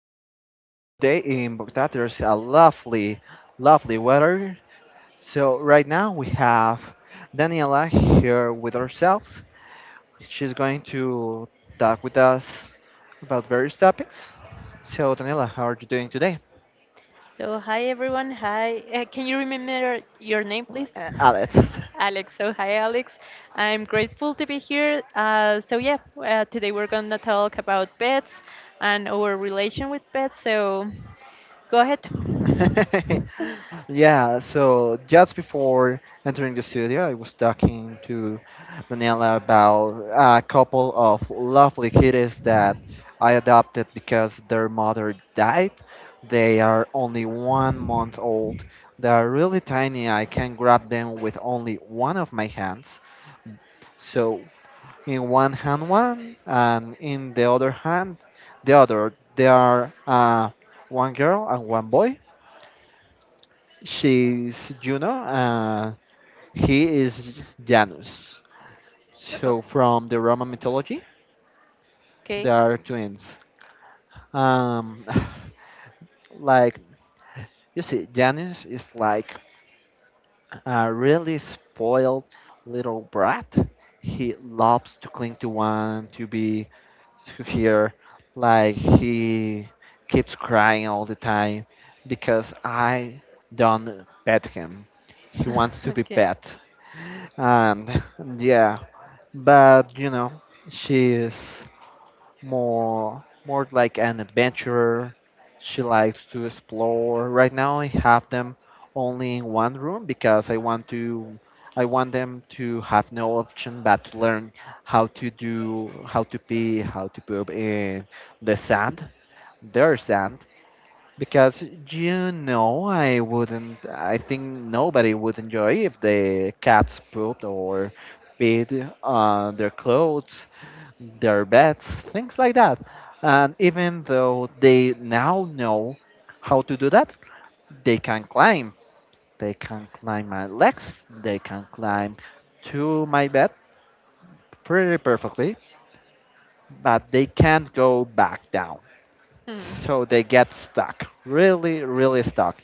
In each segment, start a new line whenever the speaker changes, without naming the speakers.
podcast here today in Bogota. There's a lovely, lovely weather. So, right now we have Daniela here with ourselves. She's going to talk with us about various topics. So, Daniela, how are you doing today?
So, hi everyone. Hi. Can you remember your name, please?
Alex.
Alex. So, hi Alex. I'm grateful to be here. Today we're going to talk about pets and our relation with pets. So, go ahead.
Yeah, so just before entering the studio, I was talking to Daniela about a couple of lovely kitties that I adopted because their mother died. They are only 1 month old. They are really tiny. I can grab them with only one of my hands. So, in one hand, one, and in the other hand, the other. They are one girl and one boy. She's Juno, and he is Janus.
Oh,
So from the Roman mythology, they
okay.
are twins. Um, like you see, Janus is like a really spoiled little brat. He loves to cling to one, to be to here. Like he keeps crying all the time because I don't pet him. He wants to be
okay.
pet. And yeah, but she's more like an adventurer. She likes to explore. Right now I have them only in one room because I want them to have no option but to learn how to pee, how to poop in the sand, their sand. Because you know I wouldn't I think nobody would enjoy if the cats pooped or peed on their clothes, their beds, things like that. And even though they now know how to do that, they can climb. They can climb my legs, they can climb to my bed pretty perfectly, but they can't go back down.
Hmm.
So they get stuck, really, really stuck.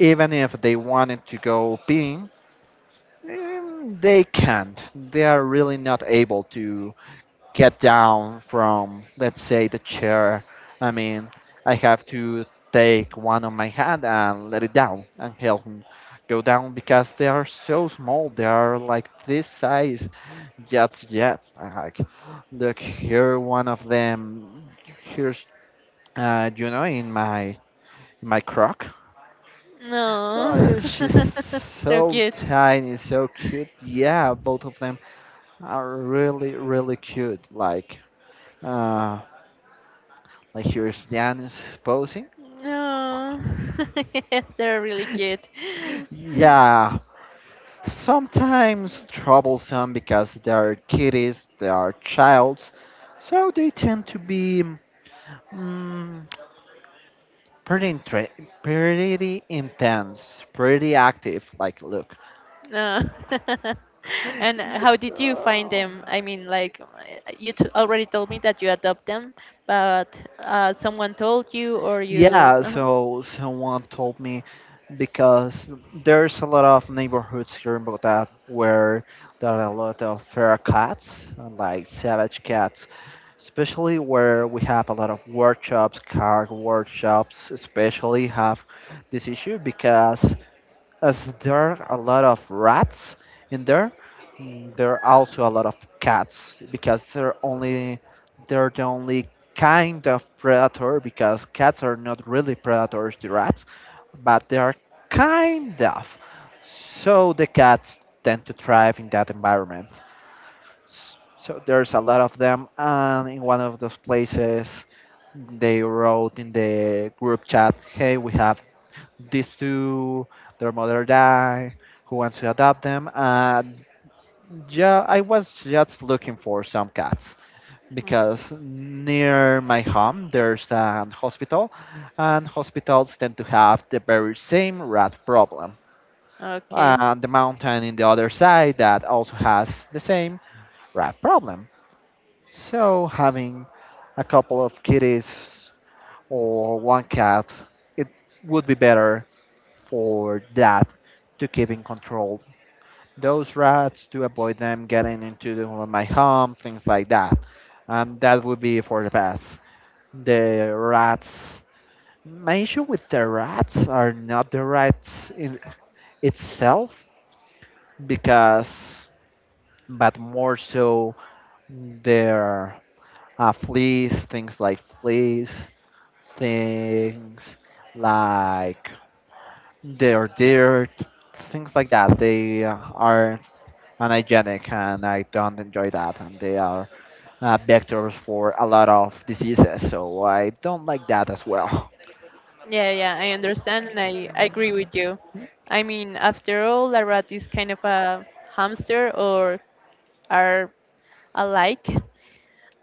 Even if they wanted to go peeing, they can't. They are really not able to get down from, let's say, the chair. I mean, I have to take one on my hand and let it down and help him go down because they are so small. They are like this size. Jets, yet, like, look here, one of them. Here's, in my croc. Oh,
No.
yeah, she's
so
so
cute.
tiny, so cute. Yeah, both of them are really, really cute. Like, uh, like here's Janus posing.
No. yes, they're really cute. No.
Yeah, sometimes troublesome because they are kiddies, they are childs, so they tend to be mm, pretty, intre- pretty intense, pretty active. Like, look.
and how did you find
Yeah.
them? I mean, like, you t already told me that you adopt them, but someone told you or you.
Yeah,
uh
so someone told me because there's a lot of neighborhoods here in Bogota where there are a lot of feral cats, like savage cats. Especially where we have a lot of workshops, car workshops, especially have this issue because as there are a lot of rats in there, there are also a lot of cats because they're the only kind of predator. Because cats are not really predators to rats, but they are kind of. So the cats tend to thrive in that environment. So there's a lot of them, and in one of those places, they wrote in the group chat, "Hey, we have these two. Their mother died. Who wants to adopt them?" And yeah, I was just looking for some cats because near my home there's an hospital, and hospitals tend to have the very same rat problem.
Okay.
And the mountain in the other side that also has the same rat problem. So having a couple of kitties or one cat, it would be better for that, to keep in control those rats, to avoid them getting into the, my home, things like that. And that would be for the best. The rats. My issue with the rats are not the rats in itself, because, but more so their fleas, things like fleas, things like their dirt, things like that. They are unhygienic and I don't enjoy that. And they are vectors for a lot of diseases, so I don't like that as well.
Yeah, yeah, I understand and I agree with you. I mean, after all, a rat is kind of a hamster or are I like.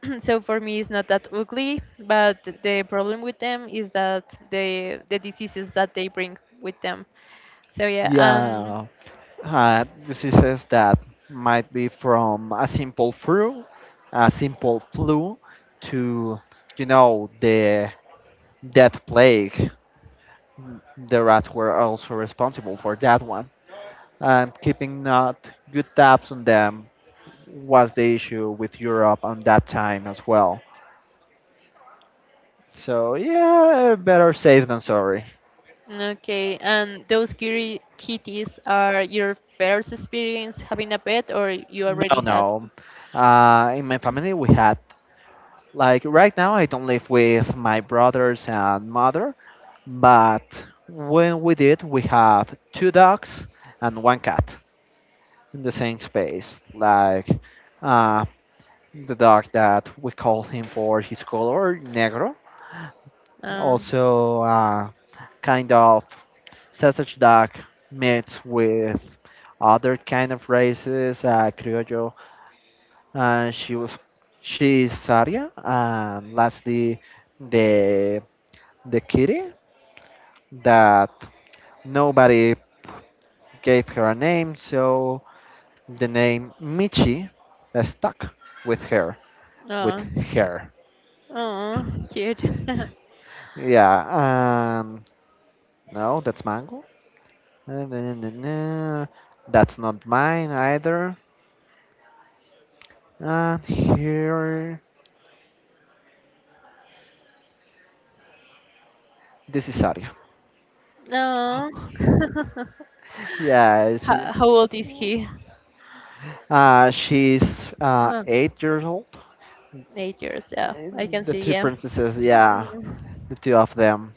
So for me, it's not that ugly, but the problem with them is that the diseases that they bring with them. So yeah, and
Yeah, diseases that might be from a simple flu, a simple flu, to the death plague. The rats were also responsible for that one. And keeping not good tabs on them was the issue with Europe on that time as well. So yeah, better safe than sorry.
okay, and those kitty kitties are your first experience having a pet, or you already
No,
No. had?
no. In my family, we had, like, right now I don't live with my brothers and mother, but when we did, we have two dogs and one cat in the same space. Like, uh, the dog that we call him for his color, Negro, also, kind of sausage duck mixed with other kind of races, criollo. Uh, she was she's Saria, and lastly the kitty that nobody gave her a name, so the name Michi stuck with her with
Oh,
her.
oh, cute.
Yeah, no, that's Mango. Na- na- na- na. That's not mine either. And here, this is Aria.
oh.
Yeah, she,
How old is he?
uh, she's uh,
Uh,
8 years old.
8 years. Yeah, I
And
can
the
see.
two
Yeah.
princesses, yeah,
Mm.
the two of them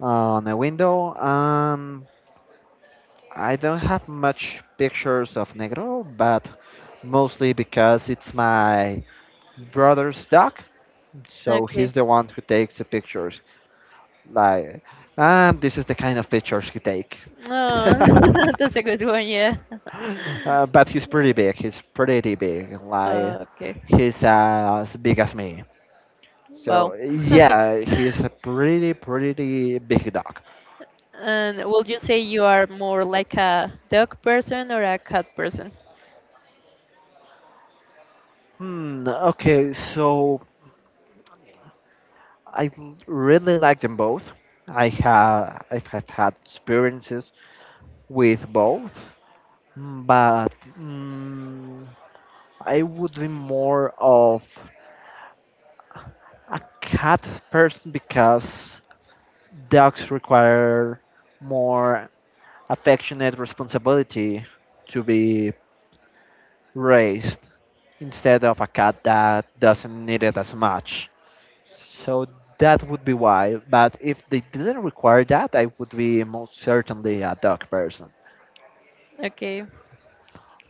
on the window. I don't have much pictures of Negro, but mostly because it's my brother's dog, so he's
Okay.
the one who takes the pictures. Like, and this is the kind of pictures he takes.
Oh, that's a good one, yeah.
But he's pretty big. He's pretty big. Like
Okay.
he's as big as me.
Wow.
So yeah, he's a pretty pretty big dog.
And would you say you are more like a dog person or a cat person?
Hmm. Okay. So I really like them both. I have had experiences with both, but I would be more of a cat person because dogs require more affectionate responsibility to be raised instead of a cat that doesn't need it as much. So that would be why. But if they didn't require that, I would be most certainly a dog person.
Okay.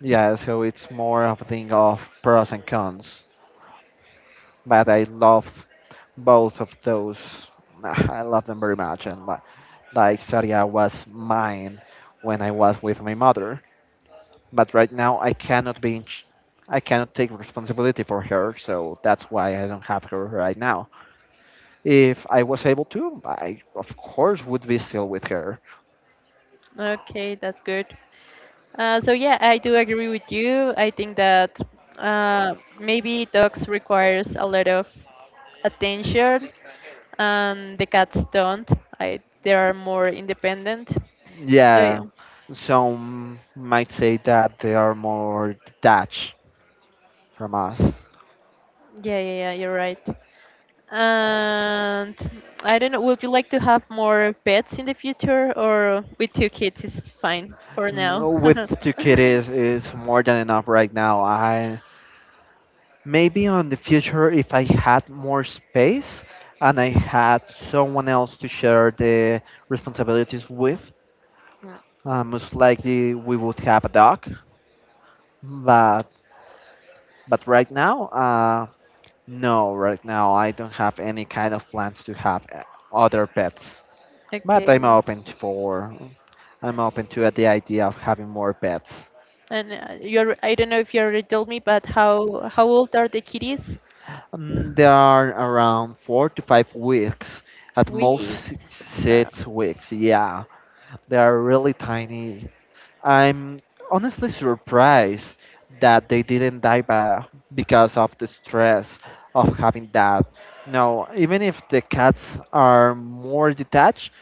Yeah, so it's more of a thing of pros and cons. But I love both of those. I love them very much. And like Saria was mine when I was with my mother. But right now I cannot be in ch- I cannot take responsibility for her, so that's why I don't have her right now. If I was able to, I of course would be still with her.
Okay, that's good. I do agree with you. I think that maybe dogs requires a lot of attention, and the cats don't. I they are more independent. So yeah,
Yeah, some might say that they are more detached from us.
yeah, yeah, yeah, you're right. And I don't know, would you like to have more pets in the future or with two kids is fine for now?
No, with two kitties is more than enough right now. I, maybe on the future, if I had more space and I had someone else to share the responsibilities with,
Mm,
Most likely we would have a dog, but right now, no, right now I don't have any kind of plans to have other pets. But
okay.
I'm open to the idea of having more pets.
And you're, I don't know if you already told me, but how old are the kitties?
They are around 4 to 5 weeks, at most
Weeks. Uh,
six weeks. Yeah, they are really tiny. I'm honestly surprised that they didn't die by, because of the stress of having that. No, even if the cats are more detached,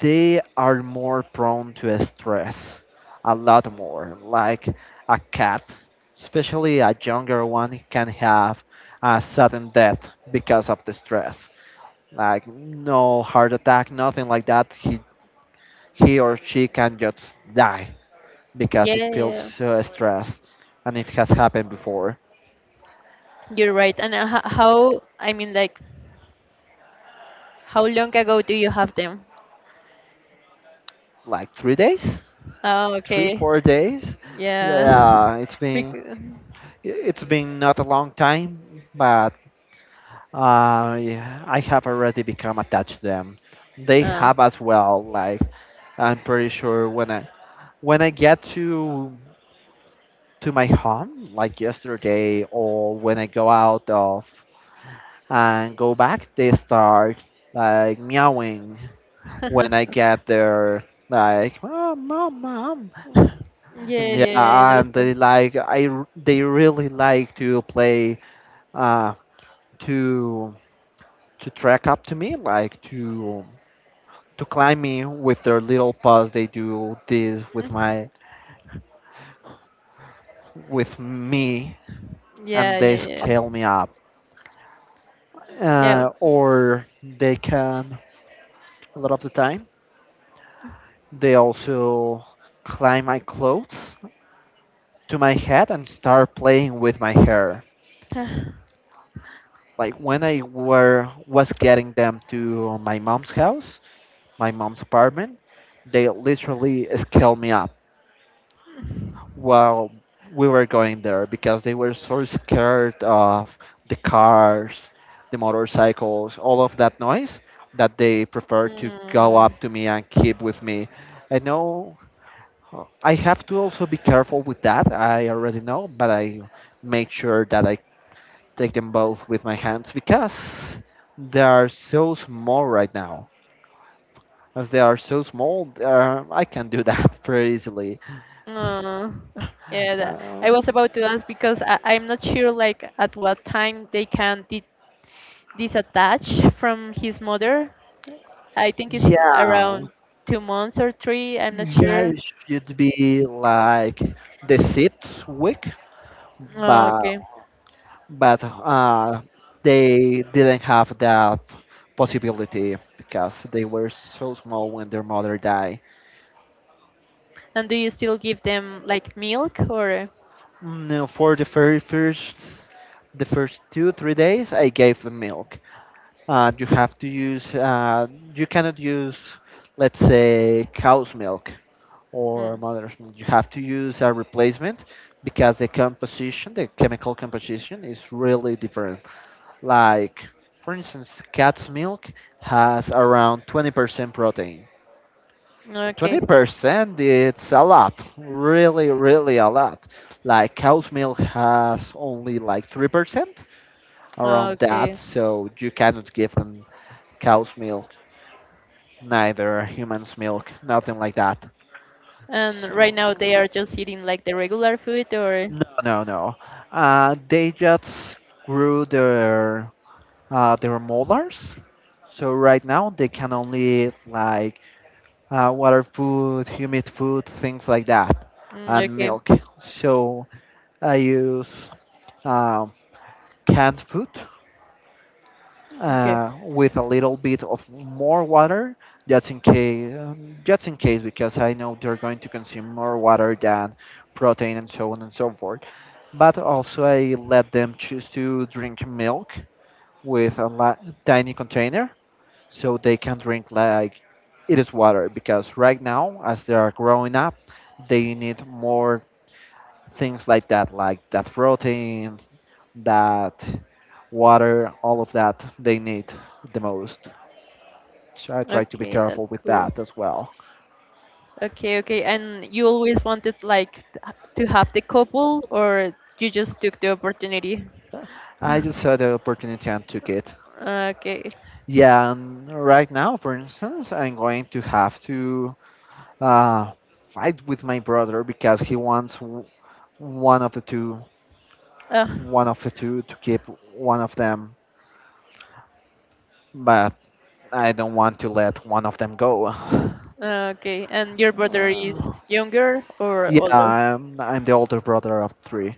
they are more prone to stress, a lot more. Like a cat, especially a younger one, can have a sudden death because of the stress. Like no heart attack, nothing like that. He or she can just die
yeah,
because it feels
yeah.
so stressed, and it has happened before.
You're right. And ho- how, I mean, like, how long ago do you have them?
Like 3 days,
Oh,
three
okay.
four days
Yeah.
Yeah,
Bec-
it's been not a long time, but yeah, I have already become attached to them. They
Oh.
have as well. Like, I'm pretty sure when I get to my home, like yesterday, or when I go out of and go back, they start like meowing when I get there, like, mom, mom, mom. And
Yeah, yeah, I
yeah, and they
understand.
like they really like to play uh to track up to me, like to climb me with their little paws. They do this with my with me, and
Yeah,
they
yeah,
scale me up.
yeah.
Or they can A lot of the time they also climb my clothes to my head and start playing with my hair.
Yeah.
Like when I were was getting them to my mom's house, my mom's apartment, they literally scaled me up while we were going there because they were so scared of the cars, the motorcycles, all of that noise, that they preferred to go
mm,
up to me and keep with me. I know I have to also be careful with that. I already know, but I make sure that I take them both with my hands because they are so small right now. As they are so small, they are— I can do that pretty easily.
uh, yeah, that,
Um,
I was about to ask because I'm not sure like at what time they can di disattach from his mother. I think it's
yeah,
around 2 months or three, I'm not
yeah,
sure.
it should be like the sixth week,
Oh,
but
okay.
but uh, they didn't have that possibility because they were so small when their mother died.
And do you still give them like milk or?
No, for the very first, the first 2 3 days, I gave them milk. You have to use, you cannot use, let's say, cow's milk or
Mm,
mother's milk. You have to use a replacement because the composition, the chemical composition, is really different. Like, for instance, cat's milk has around 20% protein.
okay,
20% it's a lot, really, really a lot. Like, cow's milk has only like 3%, around that,
okay.
so you cannot give them cow's milk. Neither humans milk, nothing like that.
And
So
right now they are just eating like the regular food or?
no, no, no. They just grew their molars. So right now they can only eat like water food, humid food, things like that,
Mm,
and
okay,
milk. So I use um, canned food
okay,
with a little bit of more water, just in case, because I know they're going to consume more water than protein and so on and so forth. But also, I let them choose to drink milk with a tiny container, so they can drink like it is water. Because right now, as they are growing up, they need more things like that protein, that water, all of that they need the most. So I try to be
okay,
careful
that's
with
cool.
that as well.
Okay, okay. And you always wanted like to have the couple, or you just took the opportunity?
I just had the opportunity and took it.
Okay.
Yeah, and right now, for instance, I'm going to have to uh, fight with my brother because he wants one of the two,
Uh,
one of the two to keep one of them, but I don't want to let one of them go.
okay. And your brother is
Uh,
younger or Yeah.
yeah,
older?
I'm the older brother of three.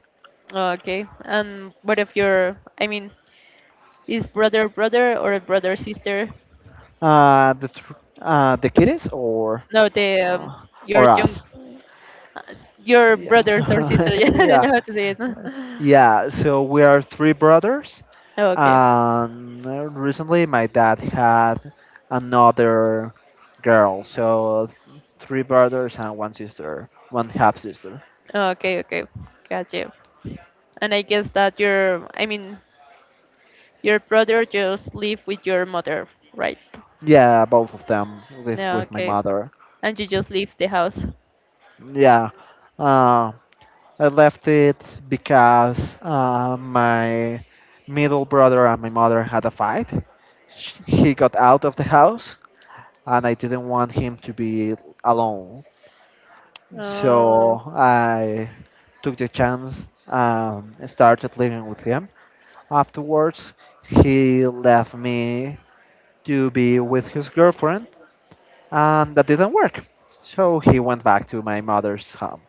Okay. And what if your, I mean, is brother brother or brother sister?
Uh, the thr the kiddies
No, the
uh,
your
or
young,
us?
uh, your
Yeah,
brothers or sister. Yeah, I don't
yeah.
know how to say it.
Yeah, so we are three brothers,
Okay.
and recently my dad had another girl, so three brothers and one sister, one half sister.
Okay. Okay. Gotcha. And I guess that your, I mean, your brother just live with your mother, right?
Yeah, both of them live
Yeah,
with my
okay.
mother.
And you just leave the house.
Yeah, uh, I left it because my middle brother and my mother had a fight. He got out of the house, and I didn't want him to be alone.
Oh,
So I took the chance and started living with him. Afterwards, he left me to be with his girlfriend, and that didn't work. So he went back to my mother's home.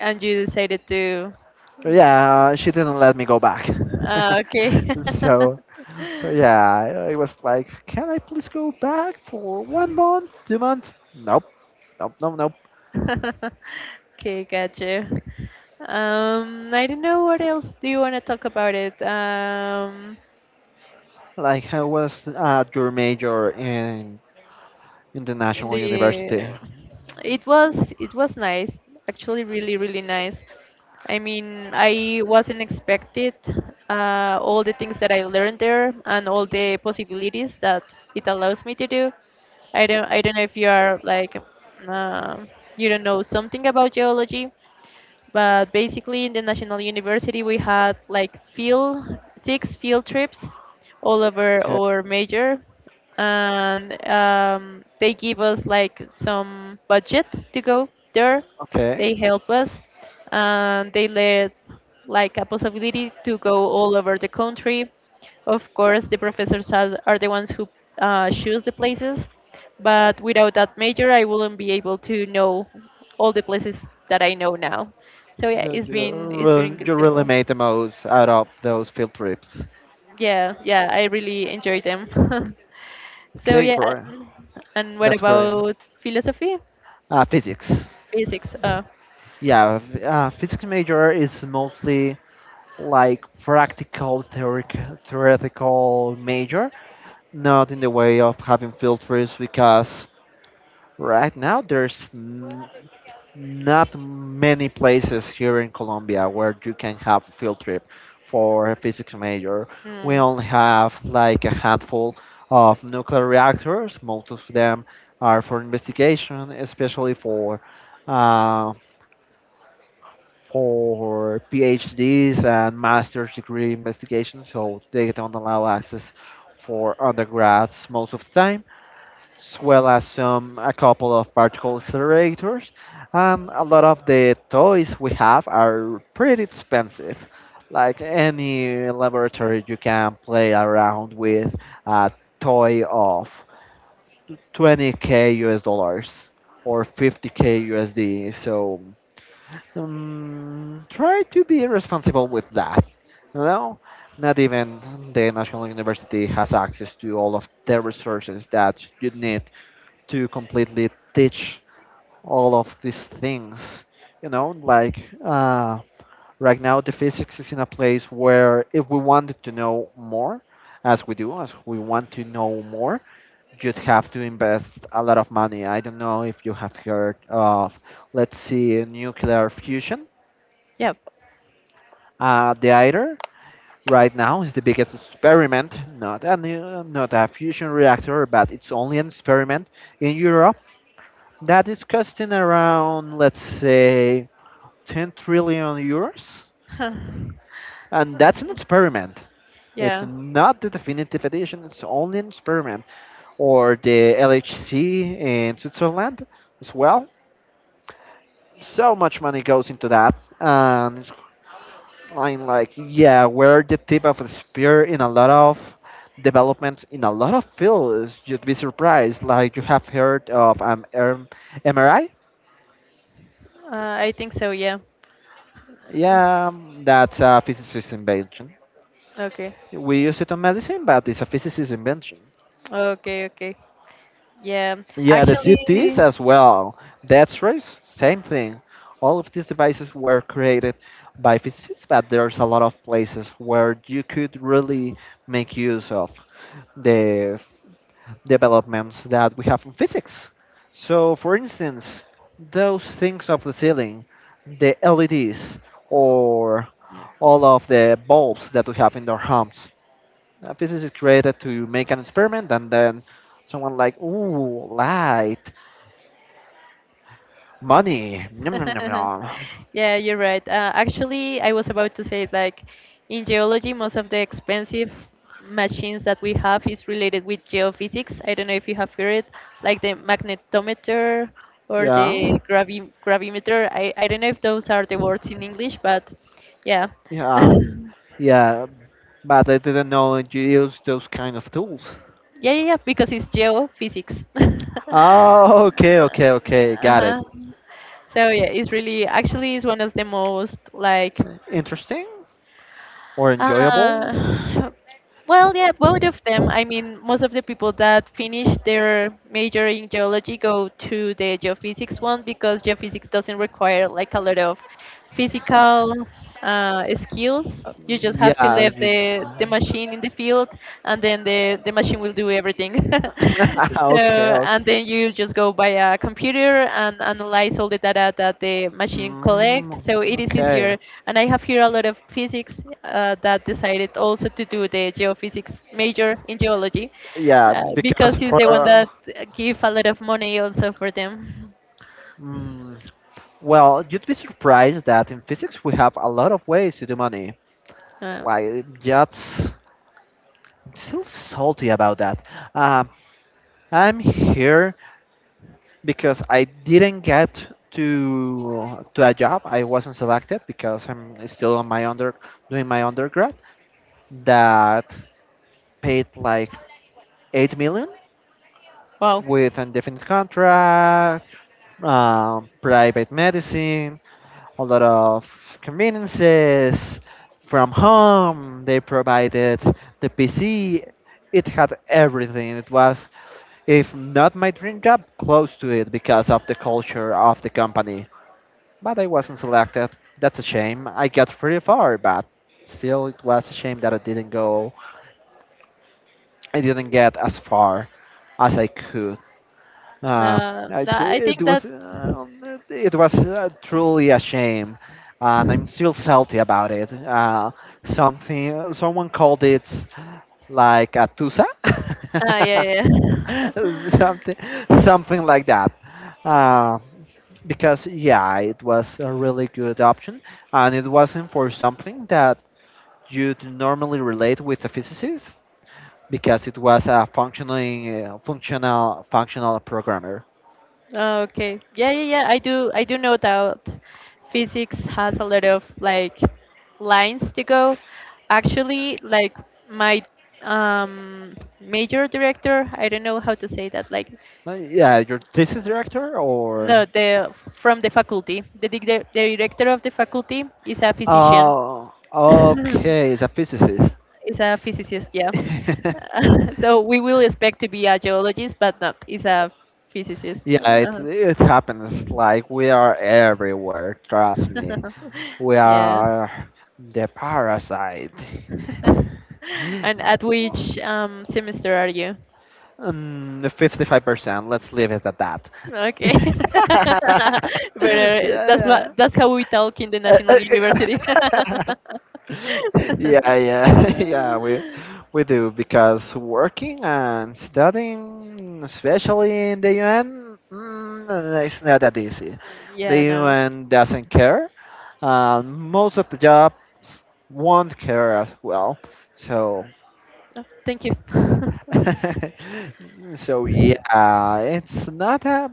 and you decided to.
But yeah, she didn't let me go back.
Ah, okay.
so, so yeah, I was like, can I please go back for one month, 2 months? Nope, nope, nope, nope.
okay, gotcha. I don't know what else do you want to talk about it.
Like I was at your major in the
In
national
the
university.
it was nice actually really really nice I mean I wasn't expected all the things that I learned there and all the possibilities that it allows me to do I don't know if you are like uh, you don't know something about geology but basically in the national university we had like field six field trips all over
Okay,
our major and they give us like some budget to go there.
okay.
They help us, and they let like a possibility to go all over the country. Of course, the professors has, are the ones who choose the places, but without that major, I wouldn't be able to know all the places that I know now. So yeah,
So
it's
you, uh,
been it's been
re- you really
incredible.
made the most out of those field trips.
Yeah, yeah, I really enjoy them. So
Okay,
yeah,
great.
and, and what
That's great.
about philosophy?
Physics.
Physics.
Yeah, physics major is mostly like practical theoretical major, not in the way of having field trips because right now there's not many places here in Colombia where you can have a field trip for a physics major. We
Mm,
only have like a handful of nuclear reactors. Most of them are for investigation, especially uh, for PhDs and master's degree investigation. So they don't allow access for undergrads most of the time, as well as some a couple of particle accelerators, and a lot of the toys we have are pretty expensive. Like any laboratory, you can play around with a toy of 20K us dollars or 50K usd, so try to be responsible with that you know Not even the national university has access to all of the resources that you need to completely teach all of these things. You know, like right now the physics is in a place where if we wanted to know more, as we do, as we want to know more, you'd have to invest a lot of money. I don't know if you have heard of, let's see, nuclear fusion.
yeah.
The ITER right now is the biggest experiment, not a new, not a fusion reactor, but it's only an experiment in Europe that is costing around, let's say, €10 trillion. And that's an
Huh.
experiment. It's
Yeah,
not the definitive edition, it's only an experiment. Or the LHC in Switzerland as well. So much money goes into that. And I'm like, yeah, we're the tip of the spear in a lot of developments in a lot of fields. You'd be surprised. Like, you have heard of MRI?
I think so, yeah. Mm,
Yeah, that's a physicist invention.
okay.
We use it on medicine, but it's a physicist's invention.
Okay, okay. Yeah,
Yeah, the CTs
actually,
as well. That's rays, same thing. All of these devices were created by physicists, but there's a lot of places where you could really make use of the developments that we have in physics. So, for instance, those things of the ceiling, the LEDs, or all of the bulbs that we have in our homes. A physics is created to make an experiment, and then someone like, ooh, light, money, yum, yum, yum, yum.
yeah, you're right. Actually, I was about to say like in geology, most of the expensive machines that we have is related with geophysics. I don't know if you have heard it, like the magnetometer or
Yeah,
the gravimeter. I don't know if those are the words in English, but yeah.
yeah, yeah. But I didn't know you use those kind of tools.
Yeah, yeah, yeah, because it's geophysics.
Oh, okay, okay, okay. Got it.
Uh-huh. So yeah, it's really actually it's one of the most like
Interesting or enjoyable?
Uh, well, yeah, both of them. I mean, most of the people that finish their major in geology go to the geophysics one because geophysics doesn't require like a lot of physical skills.
Uh,
You just have to
yeah.
leave the machine in the field and then the machine will do everything. So,
Okay, okay.
and then you just go by a computer and analyze all the data that the machine
Mm,
collect. So it is
okay.
easier. And I have here a lot of physics that decided also to do the geophysics major in geology
Yeah, because
because it's
for.
the one that give a lot of money also for them.
Mm, well, you'd be surprised that in physics we have a lot of ways to do money.
Uh,
Like, that's I'm still salty about that. Um, I'm here because I didn't get to a job. I wasn't selected because I'm still on my under doing my undergrad that paid like 8 million
wow.
with indefinite contract, private medicine, a lot of conveniences from home. They provided the PC. It had everything. It was, if not my dream job, close to it because of the culture of the company. But I wasn't selected. That's a shame. I got pretty far, but still, it was a shame that I didn't go. I didn't get as far as I could. Uh,
No,
I'd say
I
it
think
was
that.
uh, it was uh, truly a shame, and I'm still salty about it. Something someone called it like a tusa,
Ah, yeah, yeah.
something something like that. Uh, because yeah, it was a really good option, and it wasn't for something that you'd normally relate with a physicist, because it was a functioning functional functional programmer.
Oh, okay. Yeah, yeah, yeah. I do know that physics has a lot of like lines to go. Actually, like my major director, I don't know how to say that, like
Yeah,
uh,
your thesis director or?
no, the from the faculty. The the director of the faculty is a physician.
Oh, okay, he's a physicist.
is a physicist, yeah.
Yeah,
so we will expect to be a geologist, but not. Is a physicist.
it it happens. Like we are everywhere. Trust me, we
Yeah.
are the parasite.
and at which semester are you?
55%. Let's leave it at that.
Okay. but that's what
Yeah.
that's how we talk in the national university.
Yeah. Yeah, yeah, yeah, we do because working and studying, especially in the UN, it's not that easy. The
Yeah, no.
UN doesn't care. Most of the jobs won't care as well. So,
No, thank you.
so yeah, it's not a,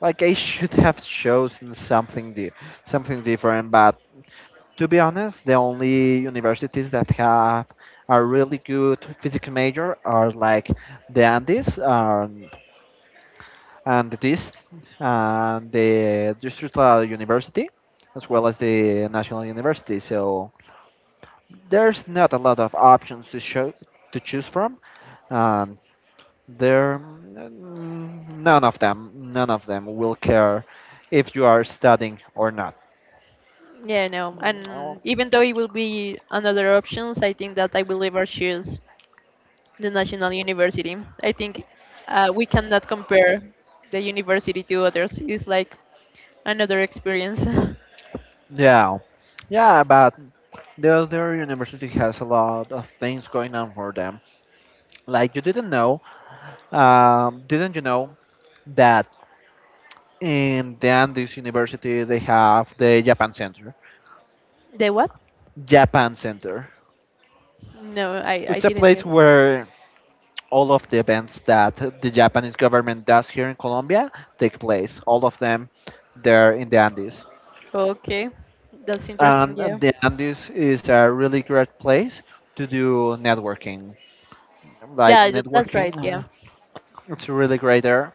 like I should have chosen something something different, but to be honest, the only universities that have a really good physics major are like the Andes, and this and the Distrital University, as well as the National University. So there's not a lot of options to choose from, and none of them will care if you are studying or not.
Yeah, no.
Mm,
And
oh,
even though it will be another options, I think that I will ever choose the national university. I think we cannot compare the university to others. It's like another experience.
yeah, yeah, but the other university has a lot of things going on for them. Like, you didn't know, didn't you know that in the Andes University they have the Japan Center?
The what?
Japan Center.
No, I
It's a
didn't.
place
Know.
where all of the events that the Japanese government does here in Colombia take place. All of them there in the Andes.
Okay, that's interesting.
And
Yeah.
the Andes is a really great place to do networking. Like
Yeah, tha- that's right.
networking,
Yeah.
it's really great there.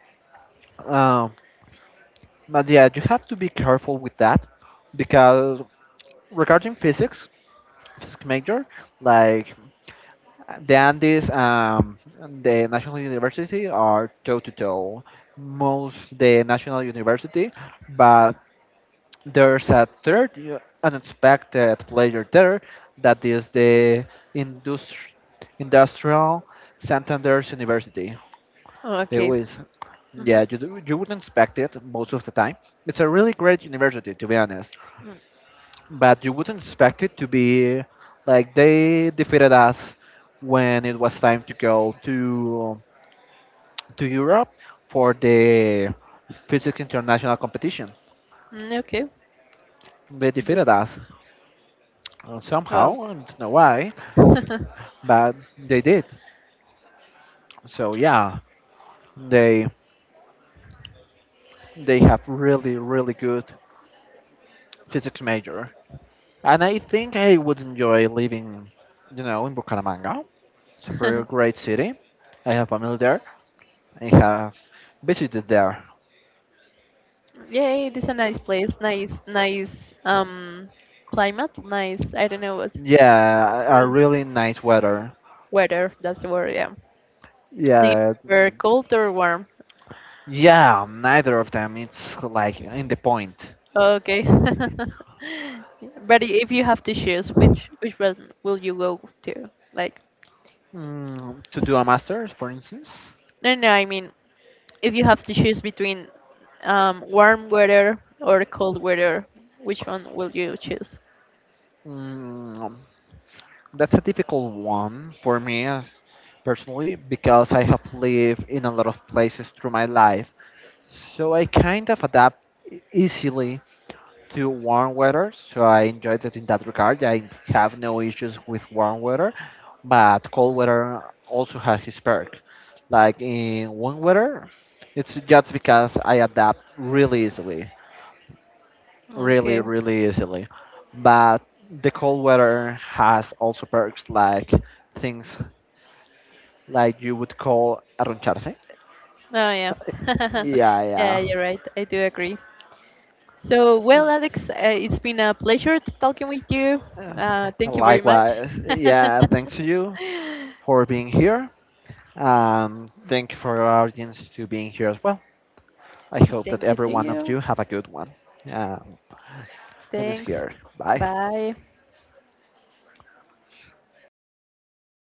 Um, But yeah, you have to be careful with that because regarding physics major, like the Andes, and the National University are toe to toe. Most the National University, but there's a third unexpected player there that is the industri- industrial Santander's University. They
Okay.
always
Mm-hmm.
Yeah, you wouldn't expect it most of the time. It's a really great university, to be honest.
Mm,
But you wouldn't expect it to be like they defeated us when it was time to go to Europe for the physics international competition.
okay.
They
That's,
defeated us
wow.
somehow, I don't know why, but they did. So yeah, they they have really really good physics major, and I think I would enjoy living, in Bucaramanga. It's a pretty great city. I have family there. I have visited there.
Yeah, yeah, it is a nice place, nice, nice climate, nice. I don't know what
Yeah, a
um,
really nice weather.
weather. That's the word. Yeah. Do you
Yeah,
prefer cold or warm?
yeah, neither of them. It's like in the point.
Okay. But if you have to choose, which one will you go to? Like,
To do a master's, for instance,
no, no. I mean, if you have to choose between warm weather or cold weather, which one will you choose?
mm, that's a difficult one for me personally because I have lived in a lot of places through my life. So I kind of adapt easily to warm weather, so I enjoyed it in that regard. I have no issues with warm weather, but cold weather also has its perks. Like in warm weather, it's just because I adapt really easily, really,
Okay.
really easily. But the cold weather has also perks like things like you would call arroncharse.
Oh yeah.
Yeah,
Yeah,
yeah.
you're right. I do agree. So, well, Alex, it's been a pleasure talking with you.
Uh,
Thank you very much.
Likewise, yeah, thanks to you for being here. Thank you for our audience to being here as well. I
okay,
hope that
thank you
every
to
one of
you.
you have a good one. Um, Finish
Thanks.
here. Bye.
Bye.